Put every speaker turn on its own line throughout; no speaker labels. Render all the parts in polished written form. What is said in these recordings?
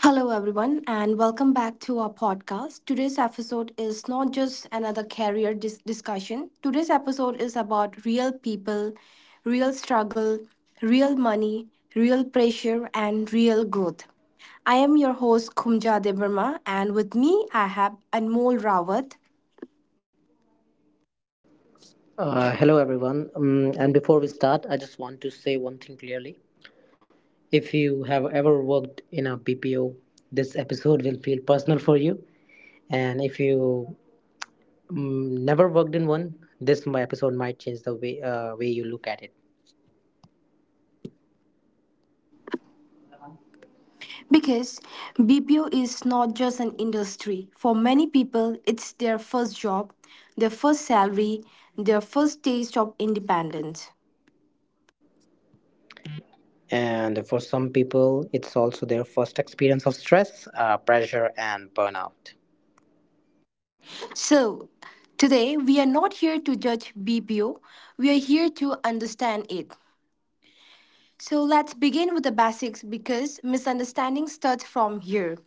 Hello, everyone, and welcome back to our podcast. Today's episode is not just another career discussion. Today's episode is about real people, real struggle, real money, real pressure, and real growth. I am your host, Kumja Devarma, and with me, I have Anmol Rawat.
Hello, everyone. And before we start, I just want to say one thing clearly. If you have ever worked in a BPO, this episode will feel personal for you. And if you never worked in one, this episode might change the way way you look at it.
Because BPO is not just an industry. For many people, it's their first job, their first salary, their first taste of independence.
And for some people, it's also their first experience of stress, pressure, and burnout.
So, today we are not here to judge BPO, we are here to understand it. So, let's begin with the basics because misunderstanding starts from here.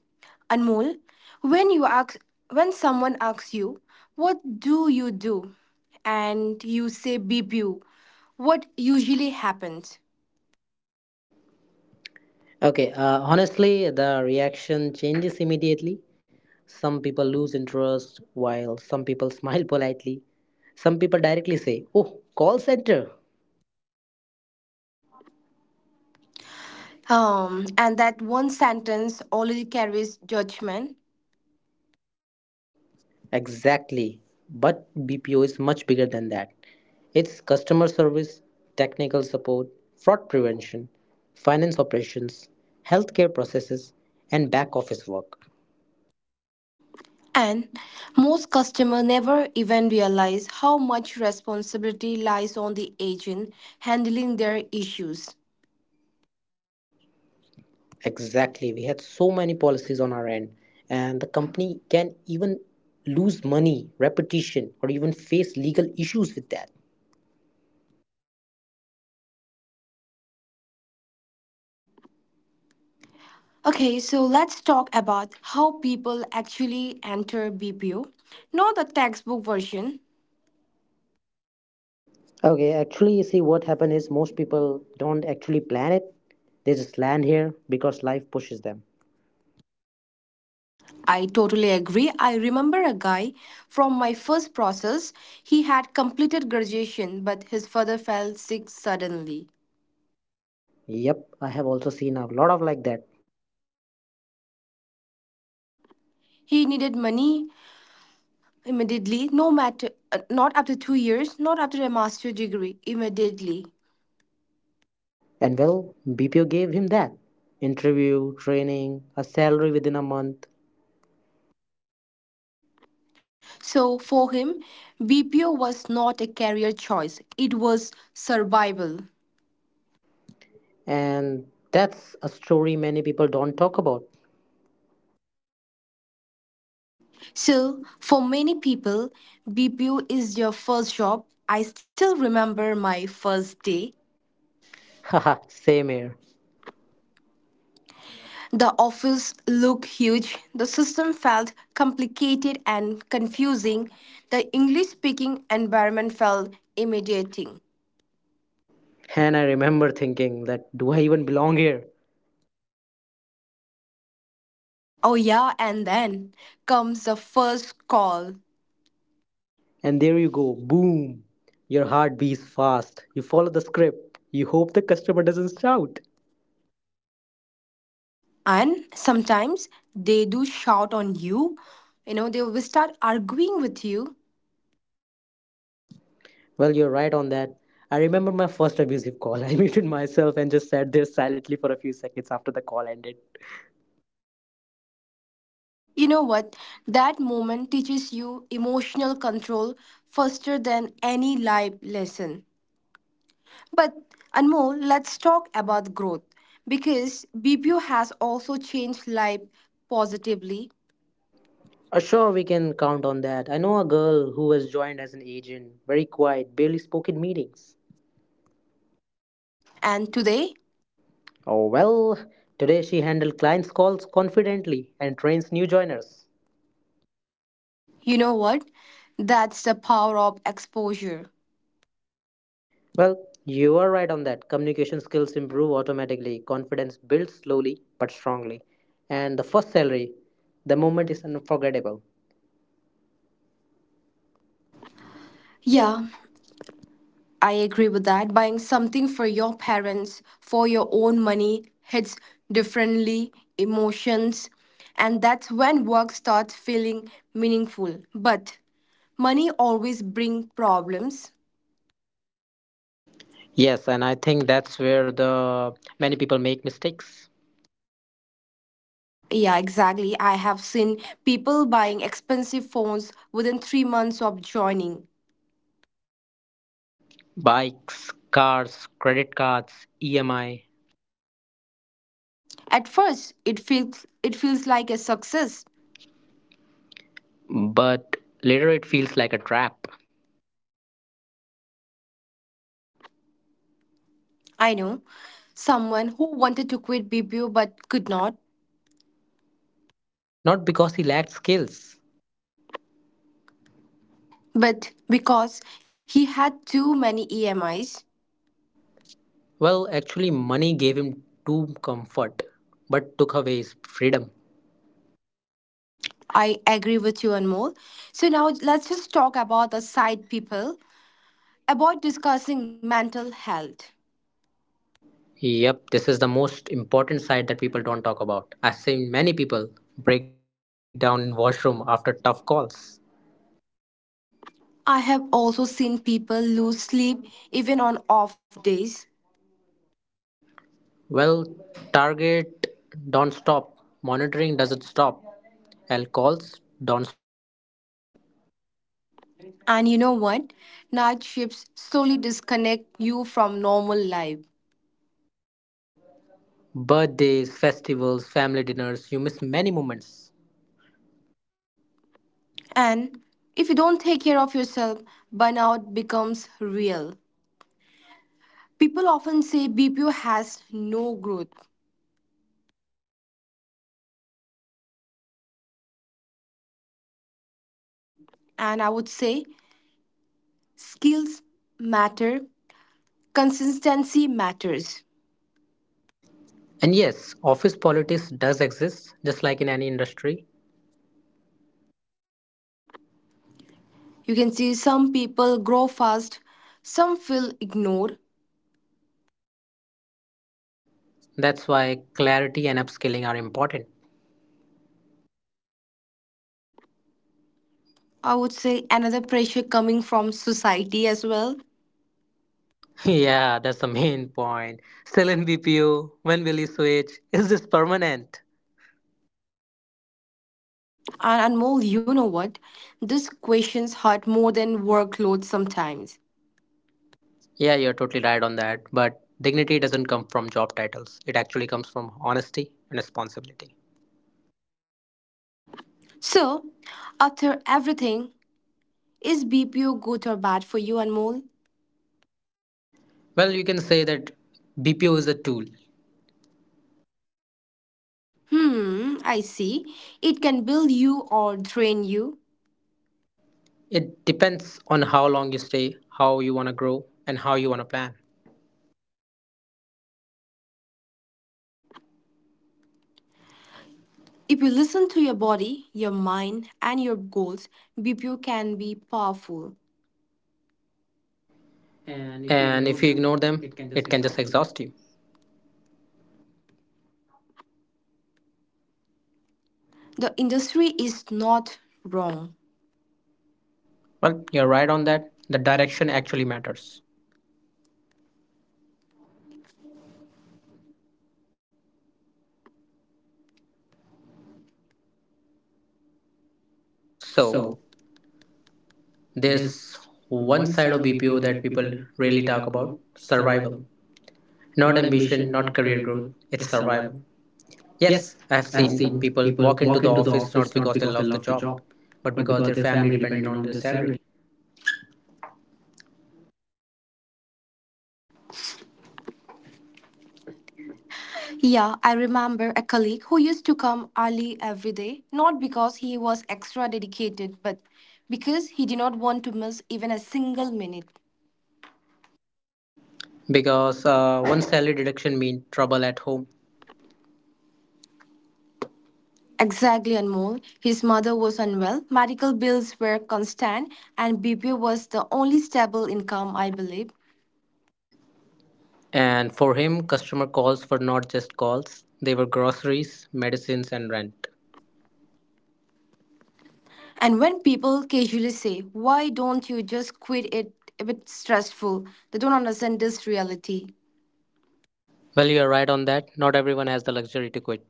Anmol, when you ask when someone asks you, "What do you do?" and you say BPO, what usually happens?
Okay, honestly, the reaction changes immediately. Some people lose interest while some people smile politely. Some people directly say, "Oh, call center."
And that one sentence already carries judgment.
Exactly. But BPO is much bigger than that. It's customer service, technical support, fraud prevention, finance operations, healthcare processes, and back office work.
And most customers never even realize how much responsibility lies on the agent handling their issues.
Exactly. We had so many policies on our end, and the company can even lose money, reputation, or even face legal issues with that.
Okay, so let's talk about how people actually enter BPO, not the textbook version.
Okay, actually, you see, what happened is most people don't actually plan it. They just land here because life pushes them.
I totally agree. I remember a guy from my first process. He had completed graduation, but his father fell sick suddenly.
Yep, I have also seen a lot of like that.
He needed money immediately, no matter, not after 2 years, not after a master degree, immediately.
And well, BPO gave him that interview, training, a salary within a month.
So for him, BPO was not a career choice, it was survival.
And that's a story many people don't talk about.
So for many people, BPO is your first job. I still remember my first day.
Haha, same here.
The office looked huge, the system felt complicated and confusing, the English speaking environment felt intimidating.
And I remember thinking that, do I even belong here?
Oh, yeah, and then comes the first call.
And there you go, boom. Your heart beats fast. You follow the script. You hope the customer doesn't shout.
And sometimes they do shout on you. You know, they will start arguing with you.
Well, you're right on that. I remember my first abusive call. I muted myself and just sat there silently for a few seconds after the call ended.
You know what? That moment teaches you emotional control faster than any life lesson. But Anmol, let's talk about growth because BPO has also changed life positively.
Sure, we can count on that. I know a girl who has joined as an agent, very quiet, barely spoke in meetings.
And today,
Oh, well, today she handled clients' calls confidently and trains new joiners.
you know what? That's the power of exposure.
Well, you are right on that. Communication skills improve automatically, confidence builds slowly but strongly. And the first salary, the moment is unforgettable. Yeah.
Yeah, I agree with that. Buying something for your parents for your own money hits differently, emotions, and that's when work starts feeling meaningful. But money always bring problems.
Yes, and I think that's where the many people make mistakes.
Yeah, exactly. I have seen people buying expensive phones within 3 months of joining.
Bikes, cars, credit cards, EMI.
At first, it feels like a success.
But later it feels like a trap.
I know someone who wanted to quit BPO but could not.
Not because he lacked skills.
But because he had too many EMIs,
Well, actually money gave him too comfort, but took away his freedom.
I agree with you, Anmol. So now let's just talk about the side people, about discussing mental health.
Yep, this is the most important side that people don't talk about. I've seen many people break down in washroom after tough calls.
I have also seen people lose sleep even on off days.
Well, target don't stop. Monitoring doesn't stop. Alcohols don't stop.
And you know what? Night shifts slowly disconnect you from normal life.
Birthdays, festivals, family dinners, you miss many moments.
And if you don't take care of yourself, burnout becomes real. People often say BPO has no growth,
Well, actually, growth exists, but it's very competitive.
and I would say skills matter, consistency matters.
And yes, office politics does exist, just like in any industry.
You can see some people grow fast, some feel ignored.
That's why clarity and upskilling are important.
I would say another pressure coming from society as well.
Yeah, that's the main point. Still in BPO, when will you switch? Is this permanent?
And Anmol, you know what? These questions hurt more than workload sometimes.
Yeah, you're totally right on that. But dignity doesn't come from job titles, it actually comes from honesty and responsibility.
So after everything, is BPO good or bad for you, Anmol?
Well, you can say that BPO is a tool.
Hmm, I see. It can build you or drain you.
It depends on how long you stay, how you want to grow, and how you want to plan.
If you listen to your body, your mind, and your goals, BPO can be powerful.
And
And
if
if
you
you
ignore
ignore them,
them, it
it can
can just
just exhaust
exhaust you.
you. The industry is not wrong. Well,
Well, you're
you're right
right
on
on
that.
that. The
The direction
direction actually
actually
matters.
matters. So,
So, there's
there's
one
one
side
side
of
of
BPO
BPO
that
that
people
people
rarely
really
talk
talk
about:
about,
survival.
survival.
Not
Not
ambition,
ambition,
not
not
career
career
growth,
growth,
it's
it's
survival.
survival.
Yes,
Yes,
I have
I've
seen
seen
people
people
walk
walk
into
into
the
the
office
office
not
not
because
because
they
they
love
love
the
the
job,
job,
but
but
because
because
their
their
family
family
depended
depended
on
on
their
their salary.
salary.
Yeah, I remember a colleague who used to come early every day, not because he was extra dedicated, but because he did not want to miss even a single minute.
Because one salary deduction meant trouble at home.
Exactly, Anmol. His mother was unwell, medical bills were constant, and BPO was the only stable income, I believe.
And for him, customer calls were not just calls, they were groceries, medicines, and rent.
And when people casually say, "Why don't you just quit it if it's stressful?" they don't understand this reality.
Well, you are right on that. Not everyone has the luxury to quit.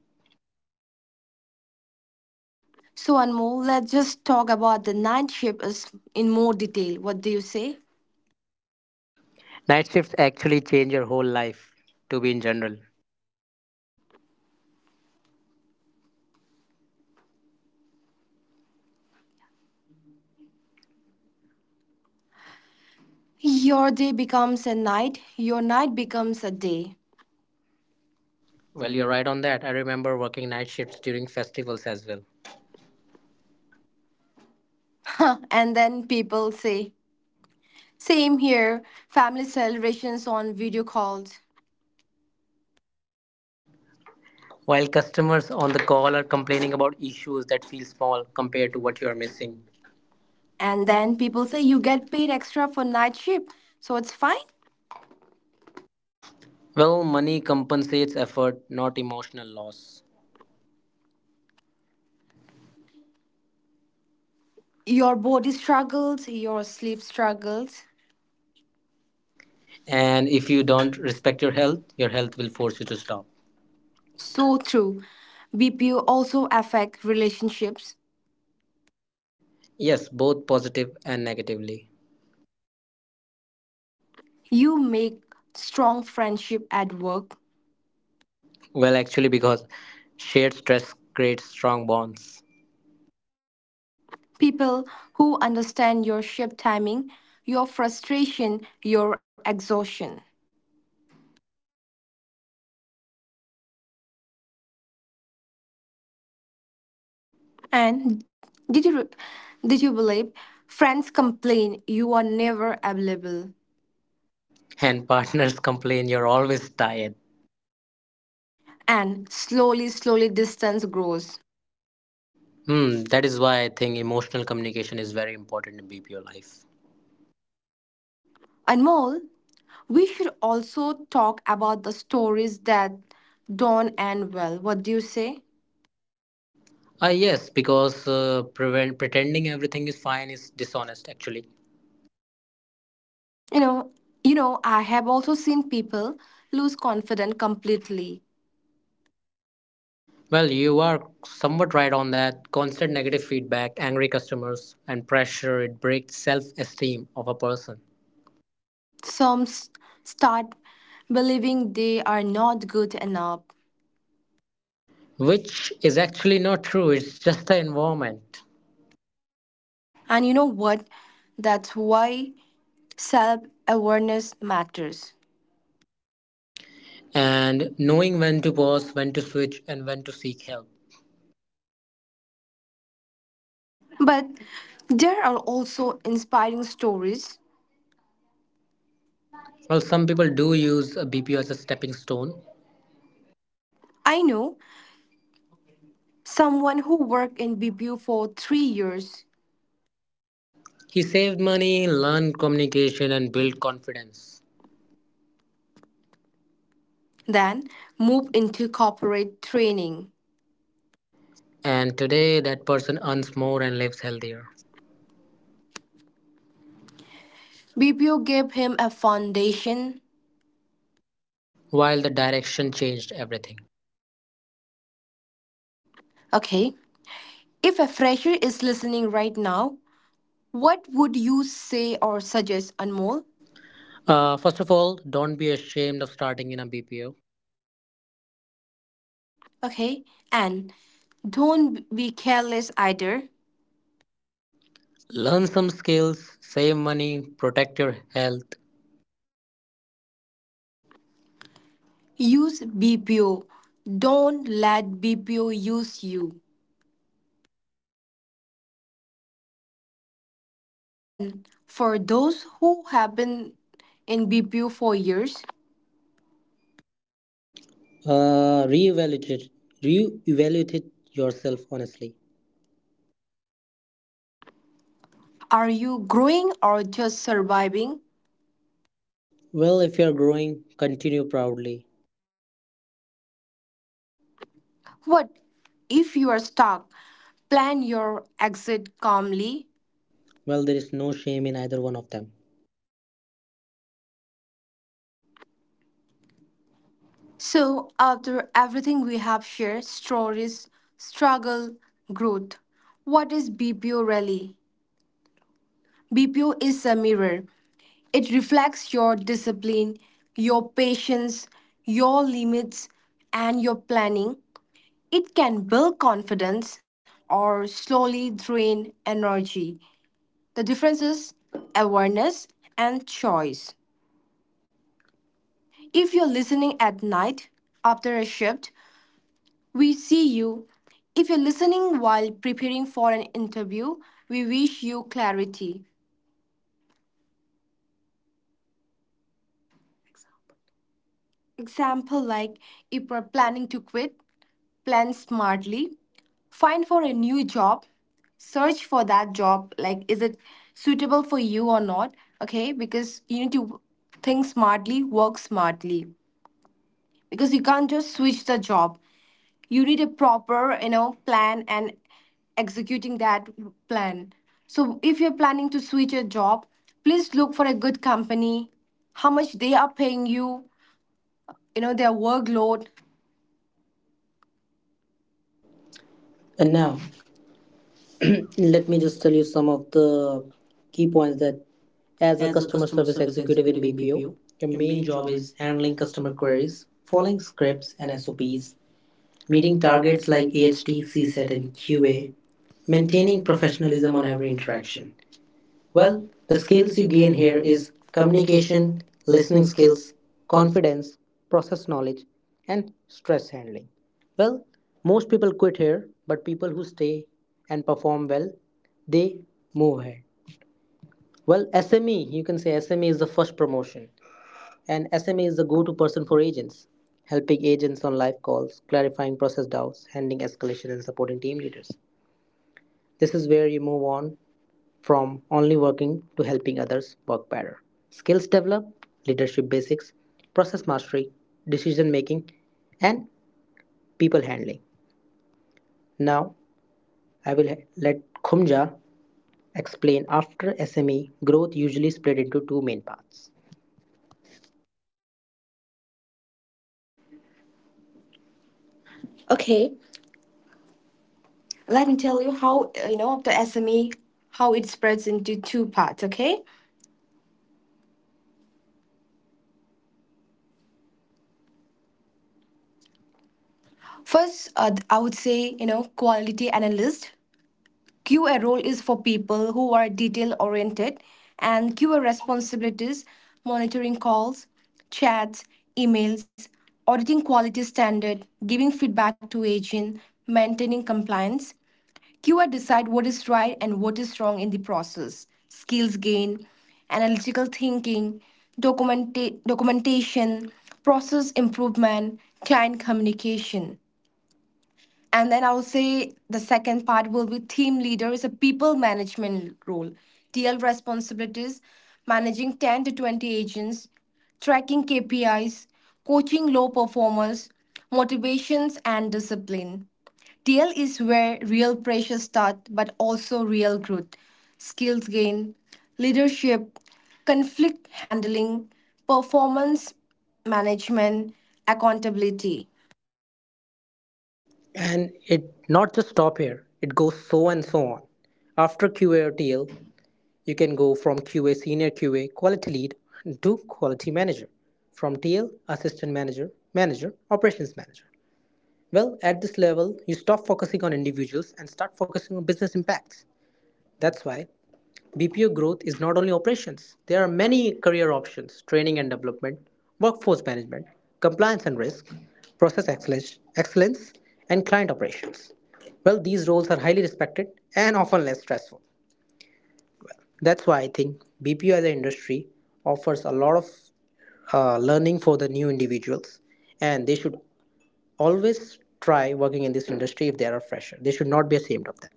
So, Anmol, let's just talk about the night shift is in more detail. What do you say?
Night shifts actually change your whole life, to be in general.
Your day becomes a night, your night becomes a day.
Well,
Well,
you're
you're
right on that. I remember working night shifts during festivals as well.
right. And then people say, same here, family celebrations on video calls.
While customers on the call are complaining about issues that feel small
Well,
compared
compared
to
to
what
what
you are
you're
missing.
missing.
And
And
then
then
people
people
say
say,
you
you
get
get
paid.
paid extra for night shift, so it's fine.
Well, money compensates effort, not emotional loss.
Your body struggles, your sleep struggles.
And
And
if
if
you
you
don't
don't
respect
respect
your
your
health
health
will
will
force
force
you
you
to
to stop.
stop.
So true. BPO also affect relationships.
Yes, both positive and negatively.
You make strong friendship at work,
Well, actually, because shared stress creates strong bonds.
people who understand your shift timing, your frustration, your exhaustion.
But outside relationships often suffer as well.
And did you did you believe friends complain you are never available,
And partners complain you're always tired.
and slowly slowly distance grows.
Hmm, that is why I think emotional communication is very important in BPO life.
Anmol, we should also talk about the stories that don't end well. What do you say?
Ah, yes, because pretending everything is fine is dishonest actually.
You know, you know, I have also seen people lose confidence completely.
Well, you are somewhat right on that. Constant negative feedback, angry customers, and pressure it breaks self esteem of a person,
Some s- start believing they are not good enough.
which is actually not true. It's just the environment,
And you know what? That's why self awareness matters.
and knowing when to pause, when to switch, and when to seek help.
But there are also inspiring stories.
Well, some people do use a BPO as a stepping stone.
I know someone who worked in BPO for 3 years,
He saved money, learned communication, and built confidence.
then moved into corporate training.
And today, that person earns more and lives healthier.
BPO gave him a foundation.
While the direction changed everything.
Okay, if a fresher is listening right now, what would you say or suggest, Anmol?
First of all, don't be ashamed of starting in a BPO.
Okay, and don't be careless either.
Learn some skills, save money, protect your health.
Use BPO. Don't let BPO use you. And for those who have been in BPO for years,
Reevaluate it. Reevaluate it yourself honestly.
are you growing or just surviving?
Well, if you are growing, continue proudly.
What if you are stuck? Plan your exit calmly.
Well, there is no shame in either one of them.
So, after everything we have shared, stories, struggle, growth, what is BPO really? BPO is a mirror. It reflects your discipline, your patience, your limits, and your planning. It can build confidence or slowly drain energy. The difference is awareness and choice. If you're listening at night after a shift, we see you. If you're listening while preparing for an interview, we wish you clarity. Example like, if we're planning to quit, plan smartly, find for a new job, search for that job. Like, is it suitable for you or not? Okay, because you need to think smartly, work smartly, because you can't just switch the job. You need a proper, you know, plan and executing that plan. So, if you're planning to switch a job, please look for a good company, how much they are paying you, you know, their workload. And
And now,
now,
let
let me
me
just
just
tell
tell you
you
some
some of
of the
the
key
key
points
points that,
that
as
as
a
a customer
customer service
service
executive
executive
in
in BPO,
BPO,
your
your
main
main
job
job is
is handling
handling
customer
customer
queries,
queries, following
following
scripts
scripts and
and SOPs,
SOPs,
meeting
meeting targets
targets
like
like
AHT,
AHT, CSAT,
CSAT, and
and
QA,
QA,
maintaining
maintaining
professionalism
professionalism
on
on
every
every
interaction.
interaction.
Well,
Well,
the
the
skills
skills
you
you
gain
gain
here
here
is
is
communication,
communication,
listening
listening
skills,
skills, conf-
confidence, process knowledge, and stress handling. Well, most people quit here, but people who stay and perform well, they move ahead. Well, SME, you can say SME is the first promotion, and SME is the go to person for agents, helping agents on live calls, clarifying process doubts, handling escalation, and supporting team leaders. This is where you move on from only working to helping others work better. Skills develop, leadership basics, process mastery, decision making, and people handling. Now, I will let Khumja explain after SME growth usually split into two main parts.
Okay, let me tell you how, you know, the SME, how it spreads into two parts, okay? First, I would say, you know, quality analyst. QA role is for people who are detail oriented, and QA responsibilities, monitoring calls, chats, emails, auditing quality standard, giving feedback to agent, maintaining compliance. QA decide what is right and what is wrong in the process. Skills gain, analytical thinking, documentation, process improvement, client communication. And then I would say the second part will be team leader is a people management role. TL responsibilities, managing 10 to 20 agents, tracking KPIs, coaching low performers, motivations and discipline. TL is where real pressure starts, but also real growth, skills gain, leadership, conflict handling, performance management, accountability.
And it not just stop here, it goes so and so on. After QA or TL, you can go from QA, senior QA, quality lead to quality manager, from TL assistant manager, manager, operations manager. Well, at this level, you stop focusing on individuals and start focusing on business impacts. That's why BPO growth is not only operations, there are many career options: training and development, workforce management, compliance and risk, process excellence, excellence and client operations. Well, these roles are highly respected and often less stressful. That's why I think BPO as an industry offers a lot of learning for the new individuals, and they should always try working in this industry if they are a fresher. They should not be ashamed of that.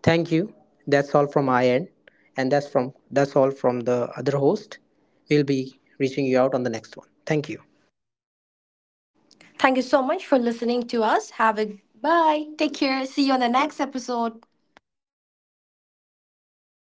Thank you. That's all from my end, and that's all from the other host. We'll be reaching you out on the next one. Thank you.
Thank you so much for listening to us. Have a bye. Take care. See you on the next episode.